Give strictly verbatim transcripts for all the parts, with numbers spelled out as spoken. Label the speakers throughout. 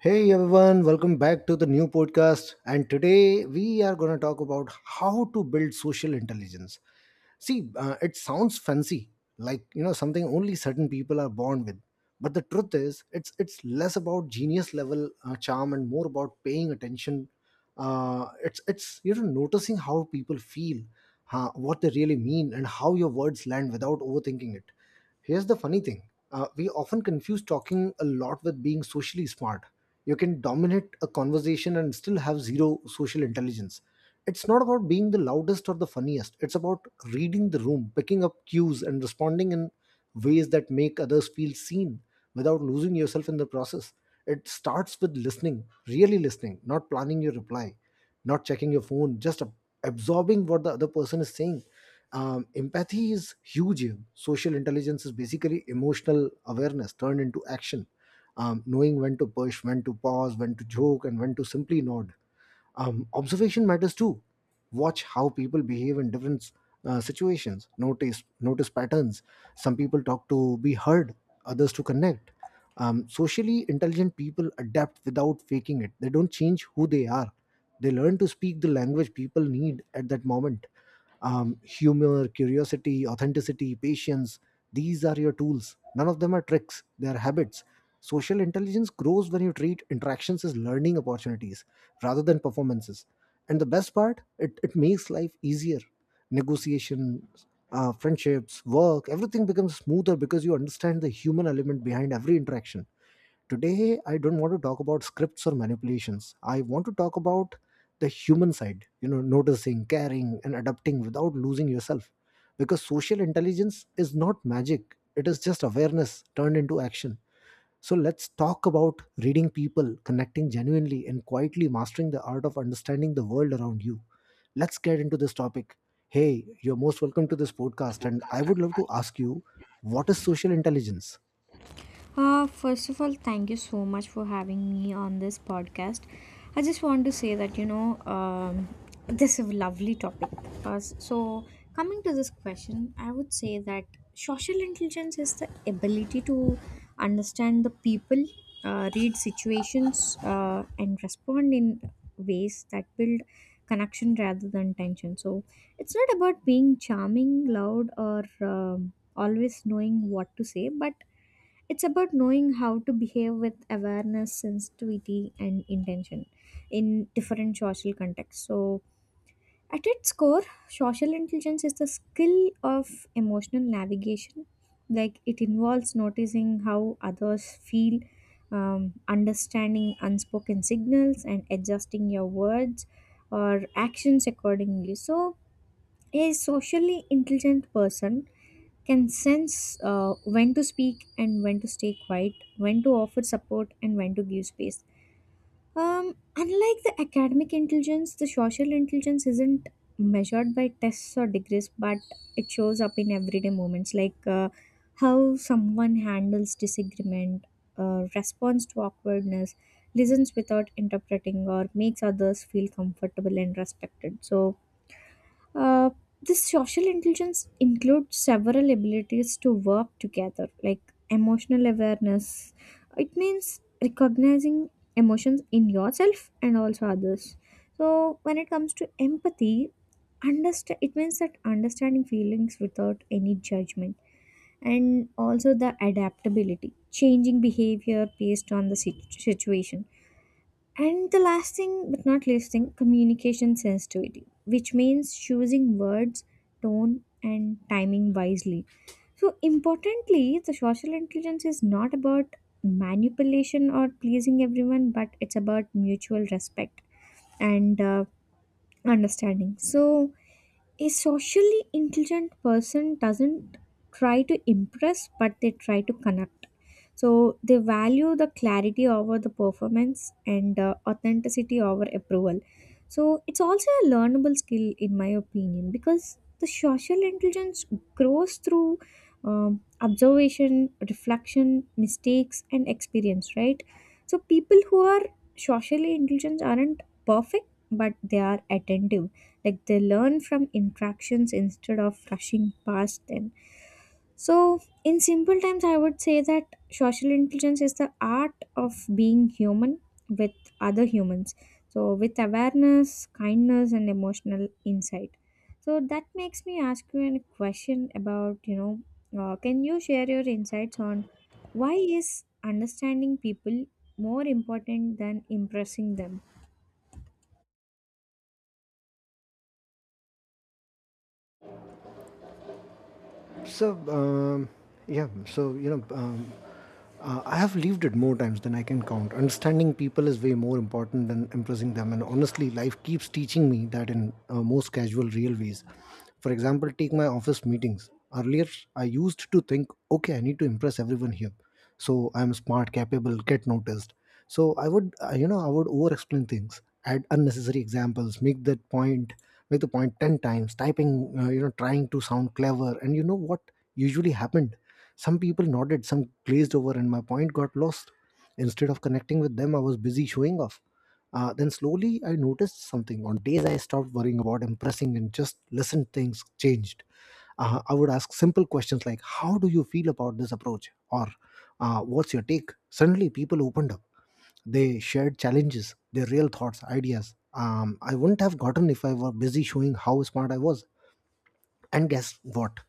Speaker 1: Hey everyone, welcome back to the new podcast. And today we are going to talk about how to build social intelligence. See, uh, it sounds fancy, like you know something only certain people are born with. But the truth is, it's it's less about genius level uh, charm and more about paying attention. Uh, it's it's you know noticing how people feel, huh, what they really mean, and how your words land without overthinking it. Here's the funny thing. Uh, we often confuse talking a lot with being socially smart. You can dominate a conversation and still have zero social intelligence. It's not about being the loudest or the funniest, it's about reading the room, picking up cues, and responding in ways that make others feel seen without losing yourself in the process. It starts with listening, really listening, not planning your reply, not checking your phone, just ab- absorbing what the other person is saying. Um, empathy is huge here. Social intelligence is basically emotional awareness turned into action. Um, knowing when to push, when to pause, when to joke, and when to simply nod. Um, observation matters too. Watch how people behave in different uh, situations. Notice notice patterns. Some people talk to be heard, others to connect. Um, socially intelligent people adapt without faking it. They don't change who they are. They learn to speak the language people need at that moment. Um, humor, curiosity, authenticity, patience. These are your tools. None of them are tricks, they are habits. Social intelligence grows when you treat interactions as learning opportunities rather than performances. And the best part, it, it makes life easier. Negotiation, uh, friendships, work, everything becomes smoother because you understand the human element behind every interaction. Today, I don't want to talk about scripts or manipulations. I want to talk about the human side, you know noticing, caring, and adapting without losing yourself, because social intelligence is not magic. It is just awareness turned into action. So let's talk about reading people, connecting genuinely, and quietly mastering the art of understanding the world around you. Let's get into this topic. Hey, you're most welcome to this podcast, and I would love to ask you: what is social intelligence?
Speaker 2: Uh, first of all, thank you so much for having me on this podcast. I just want to say that, you know, um, this is a lovely topic. Uh, s- so, Coming to this question, I would say that social intelligence is the ability to understand the people, uh, read situations, uh, and respond in ways that build connection rather than tension. So, it's not about being charming, loud, or um, always knowing what to say, but it's about knowing how to behave with awareness, sensitivity, and intention in different social contexts. So, at its core, social intelligence is the skill of emotional navigation. Like, it involves noticing how others feel, um, understanding unspoken signals, and adjusting your words or actions accordingly. So, a socially intelligent person can sense uh, when to speak and when to stay quiet, when to offer support and when to give space. Um, unlike the academic intelligence, the social intelligence isn't measured by tests or degrees, but it shows up in everyday moments like uh, how someone handles disagreement, uh, responds to awkwardness, listens without interpreting, or makes others feel comfortable and respected. So, uh, this social intelligence includes several abilities to work together, like emotional awareness. It means recognizing emotions in yourself and also others. So, when it comes to empathy, understand it means that understanding feelings without any judgment, and also the adaptability, changing behavior based on the situ- situation, and the last thing, but not least thing, communication sensitivity, which means choosing words, tone, and timing wisely. So, importantly, the social intelligence is not about manipulation or pleasing everyone, but it's about mutual respect and uh, understanding. So, a socially intelligent person doesn't try to impress, but they try to connect, so they value the clarity over the performance and uh, authenticity over approval. So it's also a learnable skill, in my opinion, because the social intelligence grows through um, observation, reflection, mistakes, and experience, right? So people who are socially intelligent aren't perfect, but they are attentive. Like, they learn from interactions instead of rushing past them. So, in simple terms, I would say that social intelligence is the art of being human with other humans, so with awareness, kindness, and emotional insight. So that makes me ask you a question about, you know, uh, can you share your insights on why is understanding people more important than impressing them?
Speaker 1: So, um, yeah, so you know, um, uh, I have lived it more times than I can count. Understanding people is way more important than impressing them, and honestly, life keeps teaching me that in uh, most casual, real ways. For example, take my office meetings. Earlier, I used to think, okay, I need to impress everyone here, so I'm smart, capable, get noticed. So i would uh, you know i would over explain things, add unnecessary examples, make that point, make the point ten times, typing, uh, you know trying to sound clever. And you know what usually happened? Some people nodded, some glazed over, and my point got lost. Instead of connecting with them, I was busy showing off. Uh, then slowly I noticed something. On days I stopped worrying about impressing and just listened, things changed. uh, I would ask simple questions like, how do you feel about this approach? Or uh, what's your take? Suddenly, people opened up. They shared challenges, their real thoughts, ideas. Um, I wouldn't have gotten if I were busy showing how smart I was. And guess what?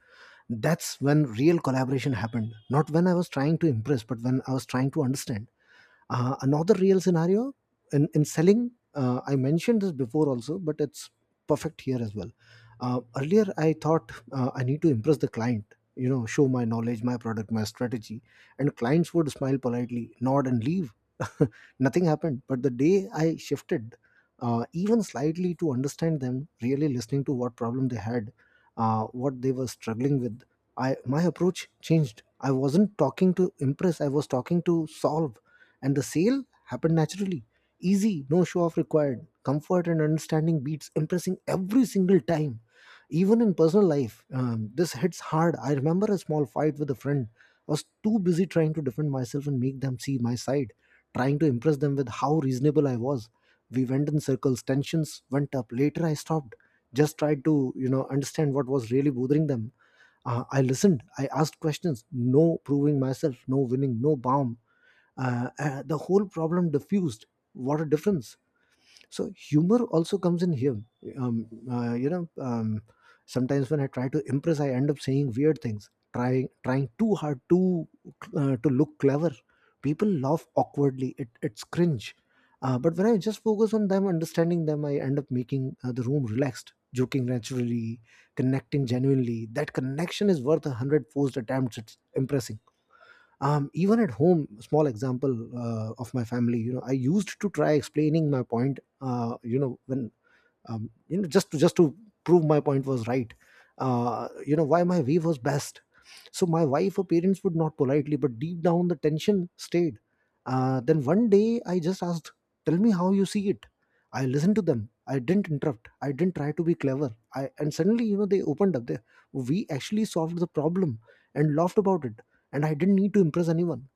Speaker 1: That's when real collaboration happened. Not when I was trying to impress, but when I was trying to understand. Uh, another real scenario in, in selling, uh, I mentioned this before also, but it's perfect here as well. Uh, earlier, I thought, uh, I need to impress the client, you know, show my knowledge, my product, my strategy. And clients would smile politely, nod, and leave. Nothing happened. But the day I shifted, uh, even slightly to understand them, really listening to what problem they had, uh, what they were struggling with, I my approach changed. I wasn't talking to impress. I was talking to solve. And the sale happened naturally. Easy, no show off required. Comfort and understanding beats impressing every single time. Even in personal life, um, this hits hard. I remember a small fight with a friend. I was too busy trying to defend myself and make them see my side, trying to impress them with how reasonable I was. We went in circles, tensions went up. Later, I stopped, just tried to, you know, understand what was really bothering them. Uh, I listened. I asked questions. No proving myself. No winning. No bomb. Uh, uh, the whole problem diffused. What a difference. So humor also comes in here. um, uh, you know um, Sometimes when I try to impress, I end up saying weird things, trying trying too hard to uh, to look clever. People laugh awkwardly. It, it's cringe. Uh, but when I just focus on them, understanding them, I end up making uh, the room relaxed, joking naturally, connecting genuinely. That connection is worth a hundred forced attempts. It's impressing. Um, even at home, small example uh, of my family. you know I used to try explaining my point uh, you know when, um, you know just to just to prove my point was right, uh, you know why my way was best. So my wife or parents would not politely, but deep down the tension stayed. Uh, then one day I just asked, tell me how you see it. I listened to them. I didn't interrupt. I didn't try to be clever. I And suddenly, you know they opened up. They, we actually solved the problem and laughed about it. And I didn't need to impress anyone.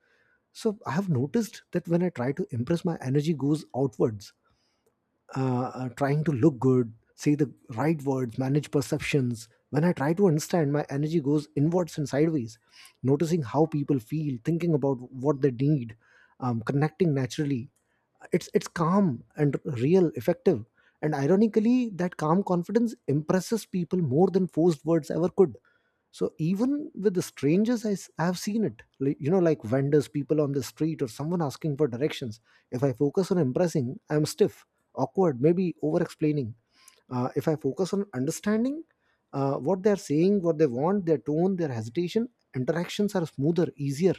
Speaker 1: So I have noticed that when I try to impress, my energy goes outwards, uh, uh, trying to look good, say the right words, manage perceptions. When I try to understand, my energy goes inwards and sideways, noticing how people feel, thinking about what they need, um, connecting naturally. It's it's calm and real, effective, and ironically, that calm confidence impresses people more than forced words ever could. So even with the strangers, I, s- I have seen it, like, you know like vendors, people on the street, or someone asking for directions. If I focus on impressing, I'm stiff, awkward, maybe over explaining. Uh, if I focus on understanding, uh, what they're saying, what they want, their tone, their hesitation, interactions are smoother, easier,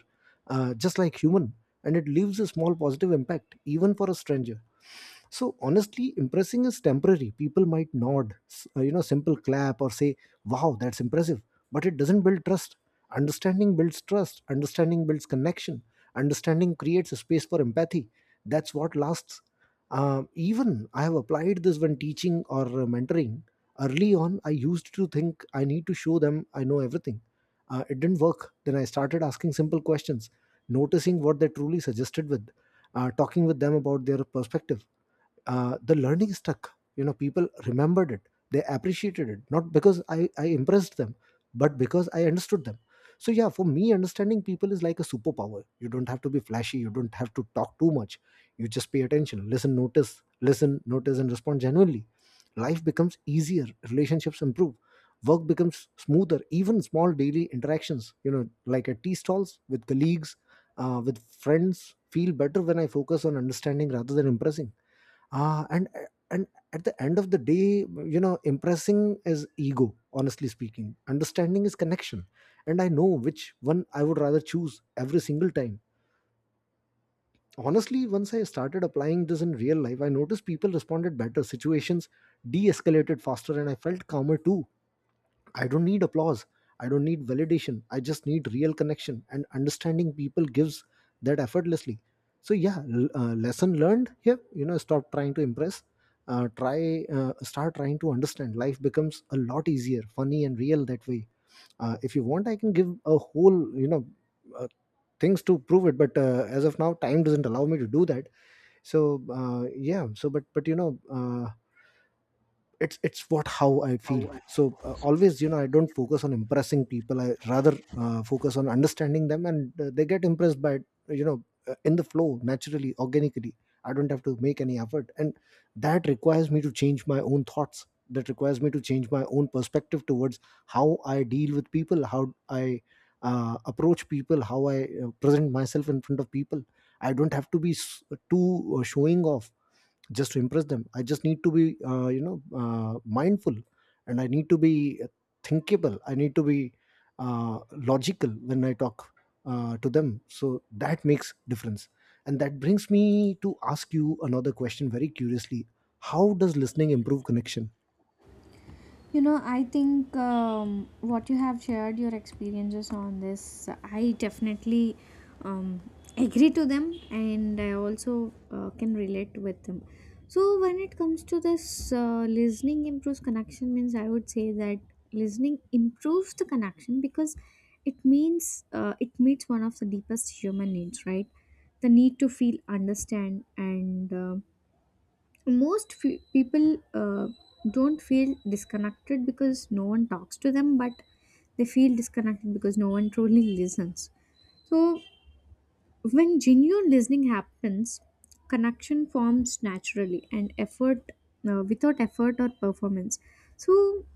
Speaker 1: uh, just like human. And it leaves a small positive impact even for a stranger. So honestly, impressing is temporary. People might nod, s- uh, you know, simple clap or say, "Wow, that's impressive," but it doesn't build trust. Understanding builds trust. Understanding builds connection. Understanding creates a space for empathy. That's what lasts. Um, even I have applied this when teaching or uh, mentoring. Early on, I used to think I need to show them I know everything. Uh, it didn't work. Then I started asking simple questions, noticing what they truly suggested with, uh, talking with them about their perspective. Uh, the learning stuck. You know people remembered it. They appreciated it, not because i i impressed them, but because I understood them. So yeah, for me, understanding people is like a superpower. You don't have to be flashy. You don't have to talk too much. You just pay attention, listen, notice, listen, notice, and respond genuinely. Life becomes easier, relationships improve, work becomes smoother. Even small daily interactions, you know like at tea stalls with colleagues, uh, with friends, feel better when I focus on understanding rather than impressing. Ah, and and at the end of the day, you know, impressing is ego. Honestly speaking, understanding is connection, and I know which one I would rather choose every single time. Honestly, once I started applying this in real life, I noticed people responded better, situations de-escalated faster, and I felt calmer too. I don't need applause. I don't need validation. I just need real connection, and understanding people gives that effortlessly. So yeah, l- uh, lesson learned here. You know, stop trying to impress. Uh, try uh, Start trying to understand. Life becomes a lot easier, funny and real that way. Uh, if you want, I can give a whole you know uh, things to prove it, but uh, as of now, time doesn't allow me to do that. So, uh, yeah, so but but you know. Uh, it's it's what how I feel. So uh, always, you know I don't focus on impressing people. I rather uh, focus on understanding them, and uh, they get impressed by it, you know uh, in the flow, naturally, organically. I don't have to make any effort, and that requires me to change my own thoughts. That requires me to change my own perspective towards how I deal with people, how I uh, approach people, how I uh, present myself in front of people. I don't have to be s- too uh, showing off just to impress them. I just need to be uh, you know uh, mindful, and I need to be thinkable. I need to be uh, logical when I talk uh, to them. So that makes difference. And that brings me to ask you another question very curiously: how does listening improve connection?
Speaker 2: You know, I think um, what you have shared your experiences on this, I definitely um, agree to them and I also uh, can relate with them. So, when it comes to this, uh, listening improves connection, means I would say that listening improves the connection because it means uh, it meets one of the deepest human needs, right? The need to feel understand, and um most fe people uh, don't feel disconnected because no one talks to them, but they feel disconnected because no one truly listens. So when genuine listening happens, connection forms naturally and effort, uh, without effort or performance. So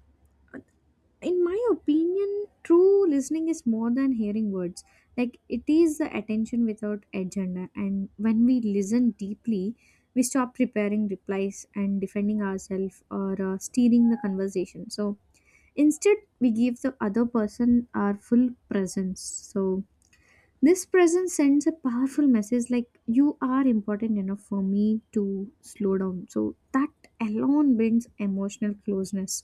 Speaker 2: in my opinion, true listening is more than hearing words. Like, it is the attention without agenda, and when we listen deeply, we stop preparing replies and defending ourselves or uh, steering the conversation. So instead, we give the other person our full presence. So this presence sends a powerful message like, you are important enough for me to slow down, so that alone brings emotional closeness.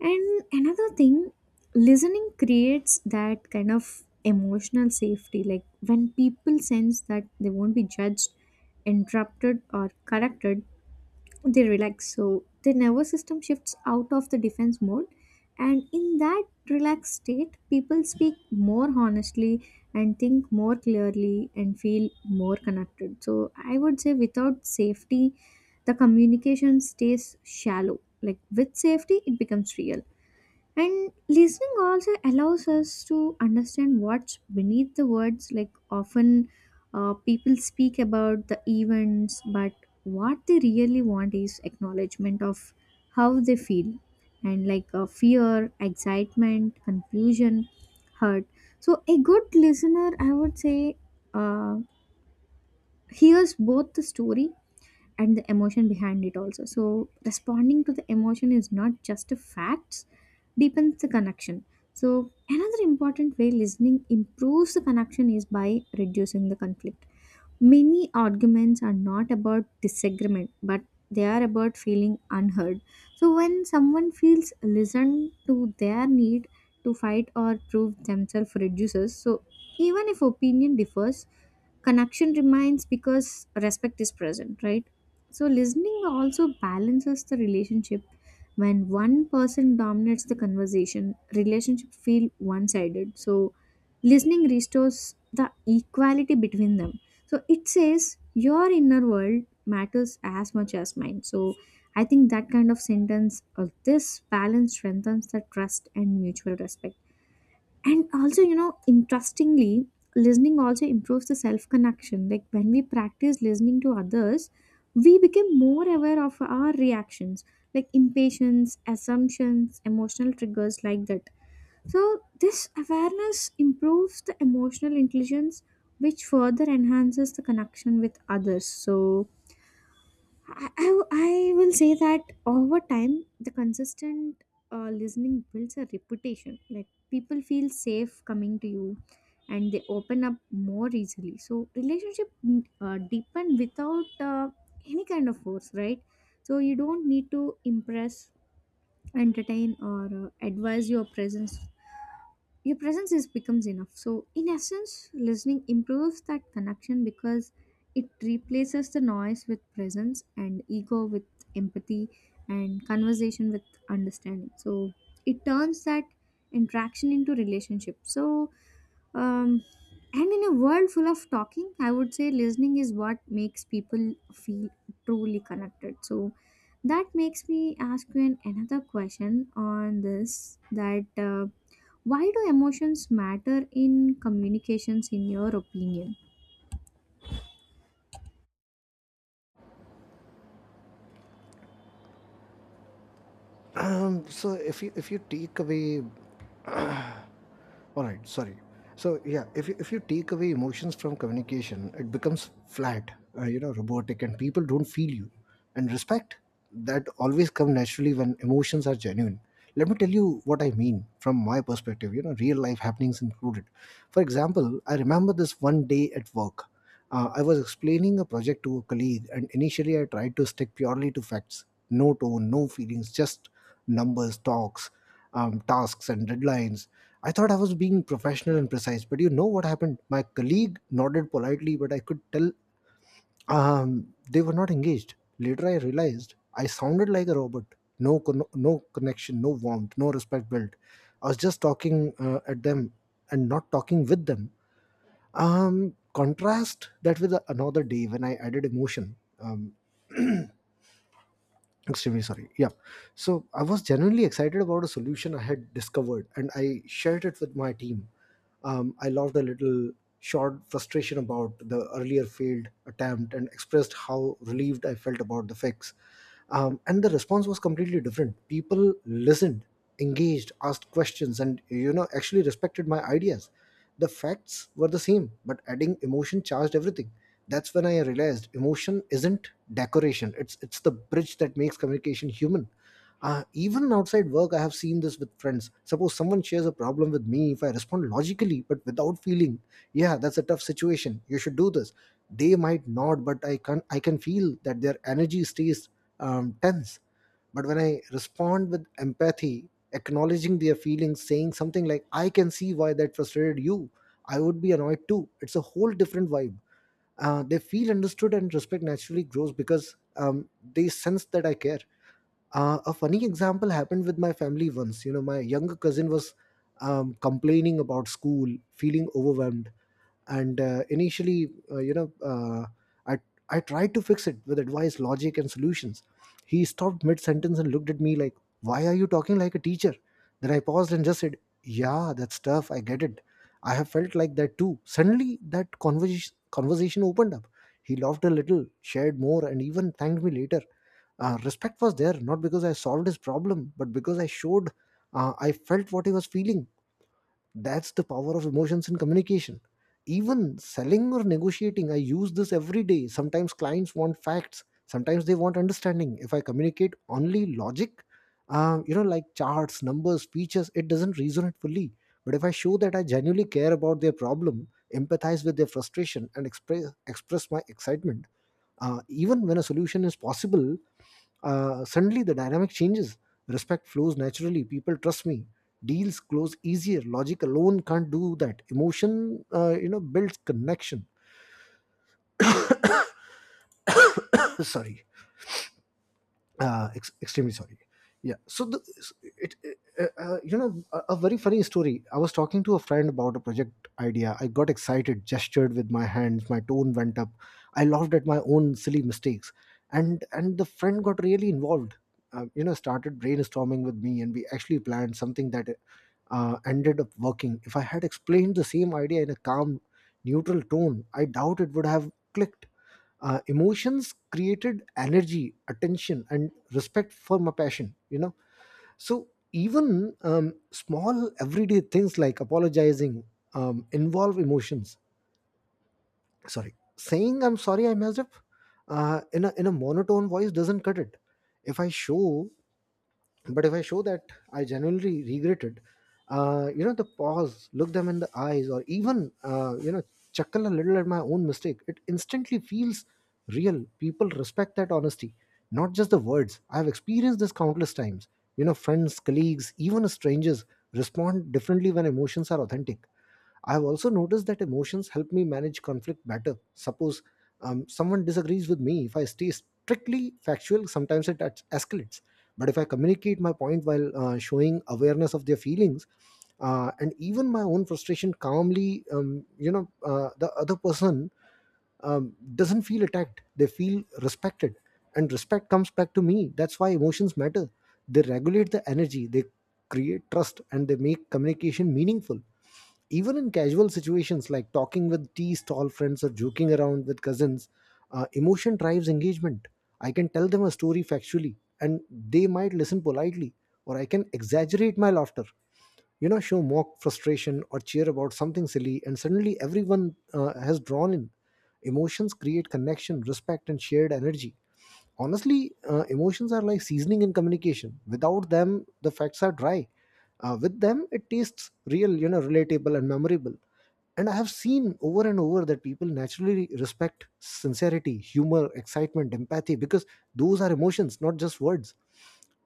Speaker 2: And another thing, listening creates that kind of emotional safety. Like, when people sense that they won't be judged, interrupted, or corrected, they relax. So the nervous system shifts out of the defense mode. And in that relaxed state, people speak more honestly and think more clearly and feel more connected. So I would say without safety, the communication stays shallow. Like, with safety, it becomes real. And listening also allows us to understand what's beneath the words. Like often, uh, people speak about the events, but what they really want is acknowledgement of how they feel, and like uh, fear, excitement, confusion, hurt. So, a good listener, I would say, uh, hears both the story and the emotion behind it also. So responding to the emotion is not just a facts, deepens the connection. So another important way listening improves the connection is by reducing the conflict. Many arguments are not about disagreement, but they are about feeling unheard. So when someone feels listened to, their need to fight or prove themselves reduces. So even if opinion differs, connection remains because respect is present, right? So listening also balances the relationship. When one person dominates the conversation, relationship feel one sided. So listening restores the equality between them. So it says, your inner world matters as much as mine. So I think that kind of sentence, or this balance, strengthens the trust and mutual respect. And also, you know, interestingly, listening also improves the self connection. Like, when we practice listening to others, we become more aware of our reactions, like impatience, assumptions, emotional triggers, like that. So this awareness improves the emotional intelligence, which further enhances the connection with others. So I, I, I will say that over time, the consistent uh, listening builds a reputation. Like, people feel safe coming to you and they open up more easily. So, relationship mm, uh, deepen without uh, any kind of force, right? So, you don't need to impress, entertain, or uh, advise. Your presence your presence is becomes enough. So in essence, listening improves that connection because it replaces the noise with presence, and ego with empathy, and conversation with understanding. So it turns that interaction into relationship. So, um, and in a world full of talking, I would say listening is what makes people feel truly connected. So that makes me ask you an, another question on this, that uh, why do emotions matter in communications in your opinion?
Speaker 1: So if you if you take away, all right, sorry. So yeah, if you, if you take away emotions from communication, it becomes flat, uh, you know, robotic, and people don't feel you, and respect that always come naturally when emotions are genuine. Let me tell you what I mean from my perspective, you know, real life happenings included. For example, I remember this one day at work. uh, I was explaining a project to a colleague, and initially I tried to stick purely to facts: no tone, no feelings, just numbers talks, um, tasks, and deadlines. I thought I was being professional and precise, but you know what happened? My colleague nodded politely, but I could tell um, they were not engaged. Later, I realized I sounded like a robot. No, con- no connection, no warmth, no respect built. I was just talking uh, at them and not talking with them. Um, contrast that with another day when I added emotion. Um, extremely sorry, yeah. So I was genuinely excited about a solution I had discovered, and I shared it with my team. um, I loved a little short frustration about the earlier failed attempt and expressed how relieved I felt about the fix. Um, and the response was completely different. People listened, engaged, asked questions, and, you know, actually respected my ideas. The facts were the same, but adding emotion charged everything. That's when I realized emotion isn't decoration. It's it's the bridge that makes communication human. Uh, even outside work, I have seen this with friends. Suppose someone shares a problem with me. If I respond logically but without feeling, yeah, that's a tough situation, you should do this, they might nod, but i can i can feel that their energy stays um, tense. But when I respond with empathy, acknowledging their feelings, saying something like, "I can see why that frustrated you, I would be annoyed too," it's a whole different vibe. Uh, they feel understood, and respect naturally grows because, um, they sense that I care. Uh, a funny example happened with my family once. You know, my younger cousin was, um, complaining about school, feeling overwhelmed, and uh, initially, uh, you know, uh, I I tried to fix it with advice, logic, and solutions. He stopped mid sentence and looked at me like, "Why are you talking like a teacher?" Then I paused and just said, "Yeah, that's tough. I get it. I have felt like that too." Suddenly, that conversation conversation opened up. He laughed a little, shared more, and even thanked me later. Uh, respect was there, not because I solved his problem, but because I showed uh, I felt what he was feeling. That's the power of emotions in communication. Even selling or negotiating, I use this every day. Sometimes clients want facts, sometimes they want understanding. If I communicate only logic, uh, you know, like charts, numbers, features, it doesn't resonate fully. But if I show that I genuinely care about their problem, empathize with their frustration, and express express my excitement, uh, even when a solution is possible, uh, suddenly the dynamic changes. Respect flows naturally. People trust me. Deals close easier. Logic alone can't do that. Emotion, uh, you know, builds connection. Sorry. Uh, ex- extremely sorry, yeah. So the, it, it uh, uh, you know, a, a very funny story. I was talking to a friend about a project idea. I got excited, gestured with my hands, my tone went up, I laughed at my own silly mistakes, and and the friend got really involved. Uh, you know, started brainstorming with me, and we actually planned something that uh, ended up working. If I had explained the same idea in a calm, neutral tone, I doubt it would have clicked. Uh, emotions created energy, attention, and respect for my passion, you know. So, even um, small everyday things like apologizing um, involve emotions. Sorry, saying "I'm sorry I messed up" uh, in, a, in a monotone voice doesn't cut it. If I show but if I show that I genuinely regretted, uh, you know, the pause, look them in the eyes, or even, uh, you know, chuckle a little at my own mistake, it instantly feels real. People respect that honesty, not just the words. I've experienced this countless times, you know, friends, colleagues, even strangers respond differently when emotions are authentic. I've also noticed that emotions help me manage conflict better. Suppose um, someone disagrees with me. If I stay strictly factual, sometimes it es- escalates. But if I communicate my point while uh, showing awareness of their feelings, uh, and even my own frustration calmly, um, you know, uh, the other person um, doesn't feel attacked. They feel respected, and respect comes back to me. That's why emotions matter. They regulate the energy. They create trust, and they make communication meaningful even in casual situations like talking with tea stall friends or joking around with cousins. Uh, emotion drives engagement. I can tell them a story factually and they might listen politely, or I can exaggerate my laughter, you know, show mock frustration or cheer about something silly, and suddenly everyone uh, has drawn in. Emotions create connection, respect, and shared energy. Honestly, uh, emotions are like seasoning in communication. Without them, the facts are dry. Uh, with them, it tastes real, you know, relatable and memorable. And I have seen over and over that people naturally respect sincerity, humor, excitement, empathy because those are emotions, not just words.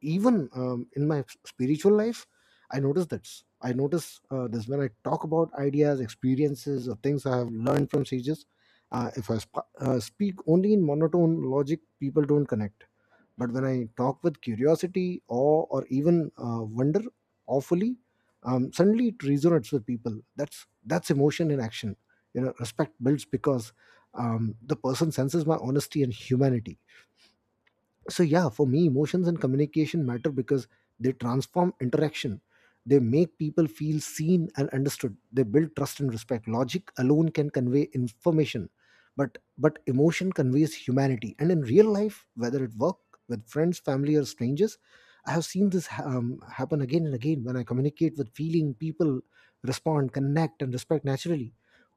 Speaker 1: Even um, in my spiritual life, I notice this. I notice uh, this when I talk about ideas, experiences, or things I have learned from sages. Uh, if i sp- uh, speak only in monotone logic, people don't connect. But when I talk with curiosity, awe, or even uh, wonder, awfully, um, suddenly it resonates with people. That's that's emotion in action. You know, respect builds because um, the person senses my honesty and humanity. So yeah, for me, emotions and communication matter because they transform interaction. They make people feel seen and understood. They build trust and respect. Logic alone can convey information, but but emotion conveys humanity. And in real life, whether at work, with friends, family, or strangers, I have seen this ha- um, happen again and again. When I communicate with feeling, people respond, connect, and respect naturally.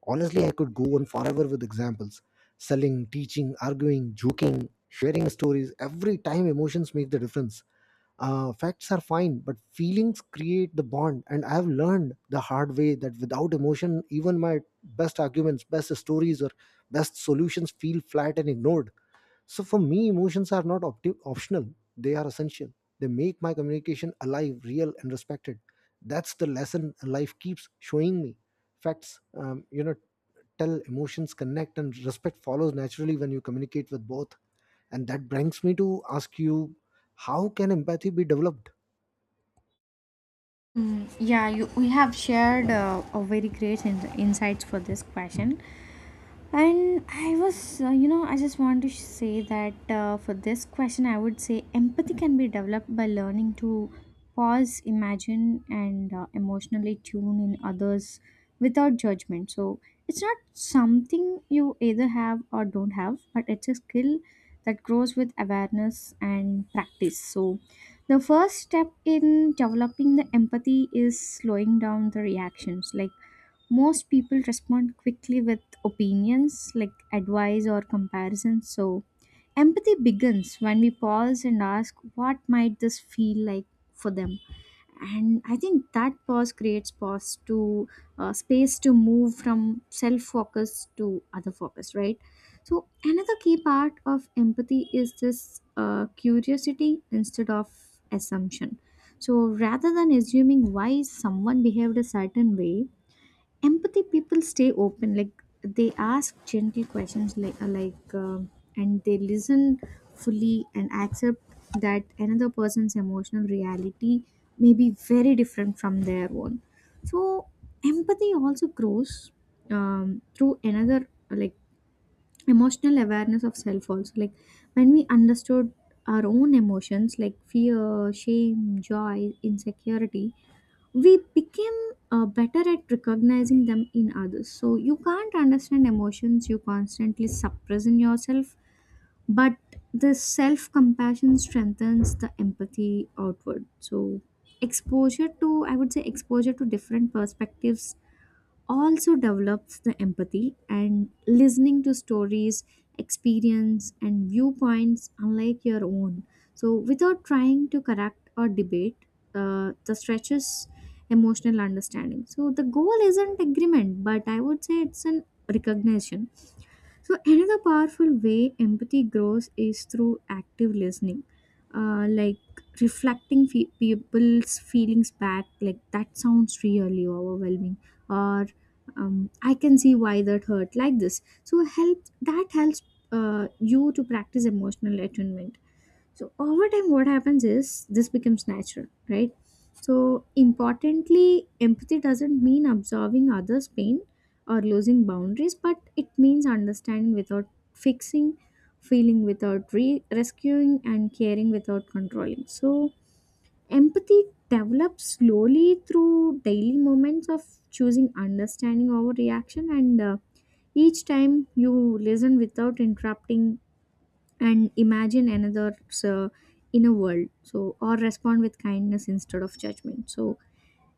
Speaker 1: Honestly, I could go on forever with examples: selling, teaching, arguing, joking, sharing stories. Every time emotions make the difference. Uh, facts are fine, but feelings create the bond. And I've learned the hard way that without emotion, even my best arguments, best stories, or best solutions feel flat and ignored. So for me, emotions are not opti- optional, they are essential. They make my communication alive, real, and respected. That's the lesson life keeps showing me. Facts, um, you know, tell; emotions connect; and respect follows naturally when you communicate with both. And that brings me to ask you, how can empathy be developed?
Speaker 2: Mm, yeah, you, we have shared uh, a very great in- insights for this question. And I was, uh, you know, I just want to say that uh, for this question, I would say empathy can be developed by learning to pause, imagine, and uh, emotionally tune in others without judgment. So it's not something you either have or don't have, but it's a skill that grows with awareness and practice. So the first step in developing the empathy is slowing down the reactions. Like, most people respond quickly with opinions like advice or comparison. So empathy begins when we pause and ask, what might this feel like for them? And I think that pause creates pause to uh, space to move from self focus to other focus, right? So another key part of empathy is this uh, curiosity instead of assumption. So rather than assuming why someone behaved a certain way, empathy people stay open. Like, they ask gentle questions like uh, like um and they listen fully and accept that another person's emotional reality may be very different from their own. So empathy also grows um, through another, like emotional awareness of self also. Like, when we understood our own emotions, like fear, shame, joy, insecurity, we became uh, better at recognizing them in others. So you can't understand emotions you constantly suppress in yourself, but the self compassion strengthens the empathy outward. So, exposure to, I would say, exposure to different perspectives also develops the empathy, and listening to stories, experience, and viewpoints unlike your own. So without trying to correct or debate, uh, the stretches emotional understanding. So the goal isn't agreement, but I would say it's an recognition. So, another powerful way empathy grows is through active listening, uh, like reflecting fe- people's feelings back, like, that sounds really overwhelming, or um, I can see why that hurt, like this. So, help that helps uh, you to practice emotional attunement. So over time, what happens is this becomes natural, right? So importantly, empathy doesn't mean absorbing others' pain or losing boundaries, but it means understanding without fixing, feeling without re- rescuing, and caring without controlling. So empathy develops slowly through daily moments of choosing understanding over reaction. And uh, each time you listen without interrupting and imagine another's uh, inner world, so, or respond with kindness instead of judgment, so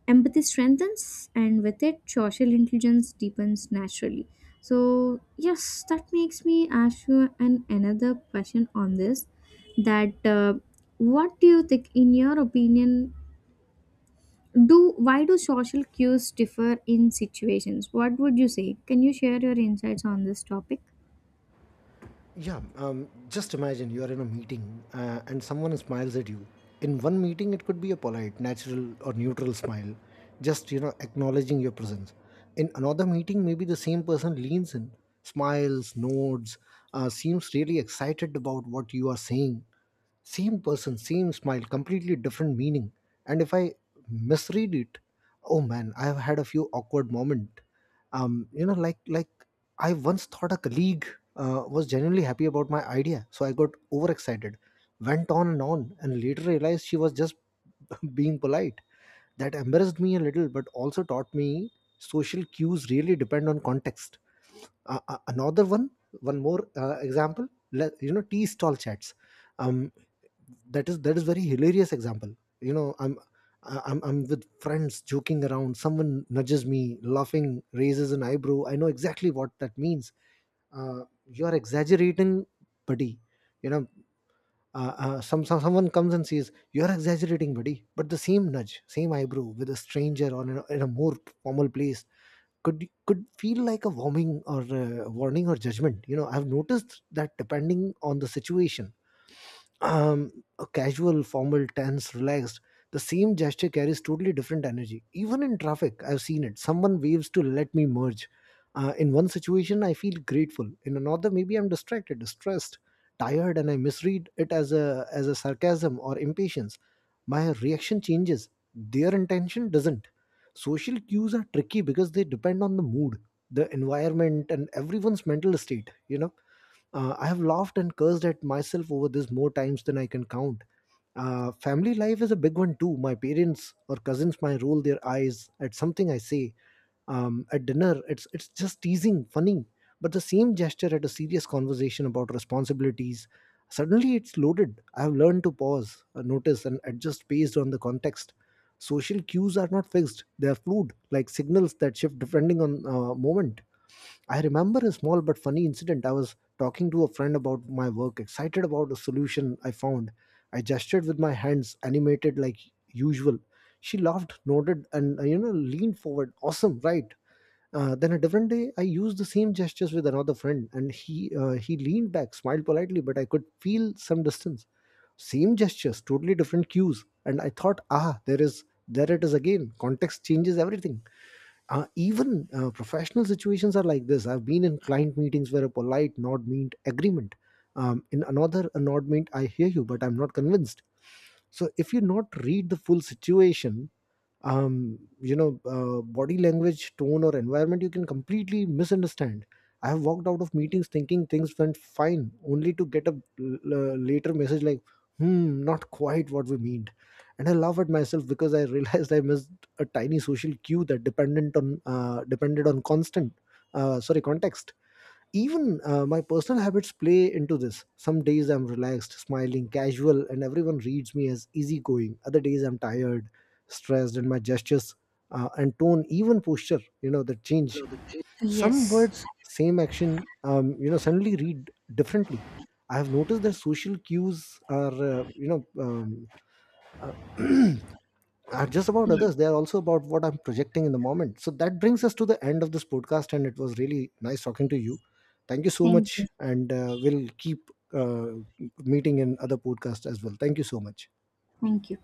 Speaker 2: empathy strengthens, and with it social intelligence deepens naturally. So yes, that makes me ask you an another question on this, that uh, what do you think in your opinion, do why do social cues differ in situations? What would you say? Can you share your insights on this topic?
Speaker 1: Yeah, um, just imagine you are in a meeting uh, and someone smiles at you. In one meeting, it could be a polite, natural, or neutral smile, just, you know, acknowledging your presence. In another meeting, maybe the same person leans in, smiles, nods, uh, seems really excited about what you are saying. Same person, same smile, completely different meaning. And if I misread it, oh man, I've had a few awkward moment. Um, you know, like like I once thought a colleague uh, was genuinely happy about my idea, so I got overexcited, went on and on, and later realized she was just being polite. That embarrassed me a little, but also taught me social cues really depend on context. Uh, uh, another one, one more uh, example. le- You know, tea stall chats. Um, that is that is very hilarious example. You know i'm I- I'm, I'm with friends joking around, someone nudges me laughing, raises an eyebrow, I know exactly what that means. uh, you're exaggerating, buddy, you know. Uh, uh, some, some someone comes and says, "You're exaggerating, buddy," but the same nudge, same eyebrow with a stranger or in a, in a more formal place could could feel like a warming or uh warning or judgment. You know, I've noticed that depending on the situation, um, a casual, formal, tense, relaxed, the same gesture carries totally different energy. Even in traffic, I've seen it. Someone waves to let me merge. Uh, in one situation, I feel grateful. In another, maybe I'm distracted, distressed, tired, and I misread it as a as a sarcasm or impatience. My reaction changes. Their intention doesn't. Social cues are tricky because they depend on the mood, the environment, and everyone's mental state. You know, uh, I have laughed and cursed at myself over this more times than I can count. Uh, family life is a big one too. My parents or cousins might roll their eyes at something I say. Um, at dinner, it's it's just teasing, funny, but the same gesture at a serious conversation about responsibilities, suddenly it's loaded. I have learned to pause, uh, notice, and adjust based on the context. Social cues are not fixed; they are fluid, like signals that shift depending on uh, moment. I remember a small but funny incident. I was talking to a friend about my work, excited about a solution I found. I gestured with my hands, animated like usual. She laughed, nodded, and, uh, you know, leaned forward. Awesome, right? Uh, then a different day, I used the same gestures with another friend, and he uh, he leaned back, smiled politely, but I could feel some distance. Same gestures, totally different cues, and I thought, ah, there is there it is again. Context changes everything. Uh, even uh, professional situations are like this. I've been in client meetings where a polite nod meant agreement, um, in another a nod meant I hear you but I'm not convinced. So if you not read the full situation, um you know, uh, body language, tone, or environment, you can completely misunderstand. I have walked out of meetings thinking things went fine, only to get a l- l- later message like, "Hmm, not quite what we meant," and I laugh at myself because I realized I missed a tiny social cue that dependent on uh, depended on constant uh, sorry context. Even uh, my personal habits play into this. Some days I'm relaxed, smiling, casual, and everyone reads me as easygoing. Other days I'm tired, stressed, and my gestures uh, and tone, even posture, you know, that change, some
Speaker 2: Yes.
Speaker 1: words, same action, um, you know, suddenly read differently. I have noticed that social cues are, uh, you know, um, uh, are just about
Speaker 2: Yes.
Speaker 1: others, they are also about what I'm projecting in the moment. So that brings us to the end of this podcast, and it was really nice talking to you. Thank you so
Speaker 2: Thank you.
Speaker 1: much, and uh, we'll keep uh, meeting in other podcasts as well. Thank you so much.
Speaker 2: Thank you.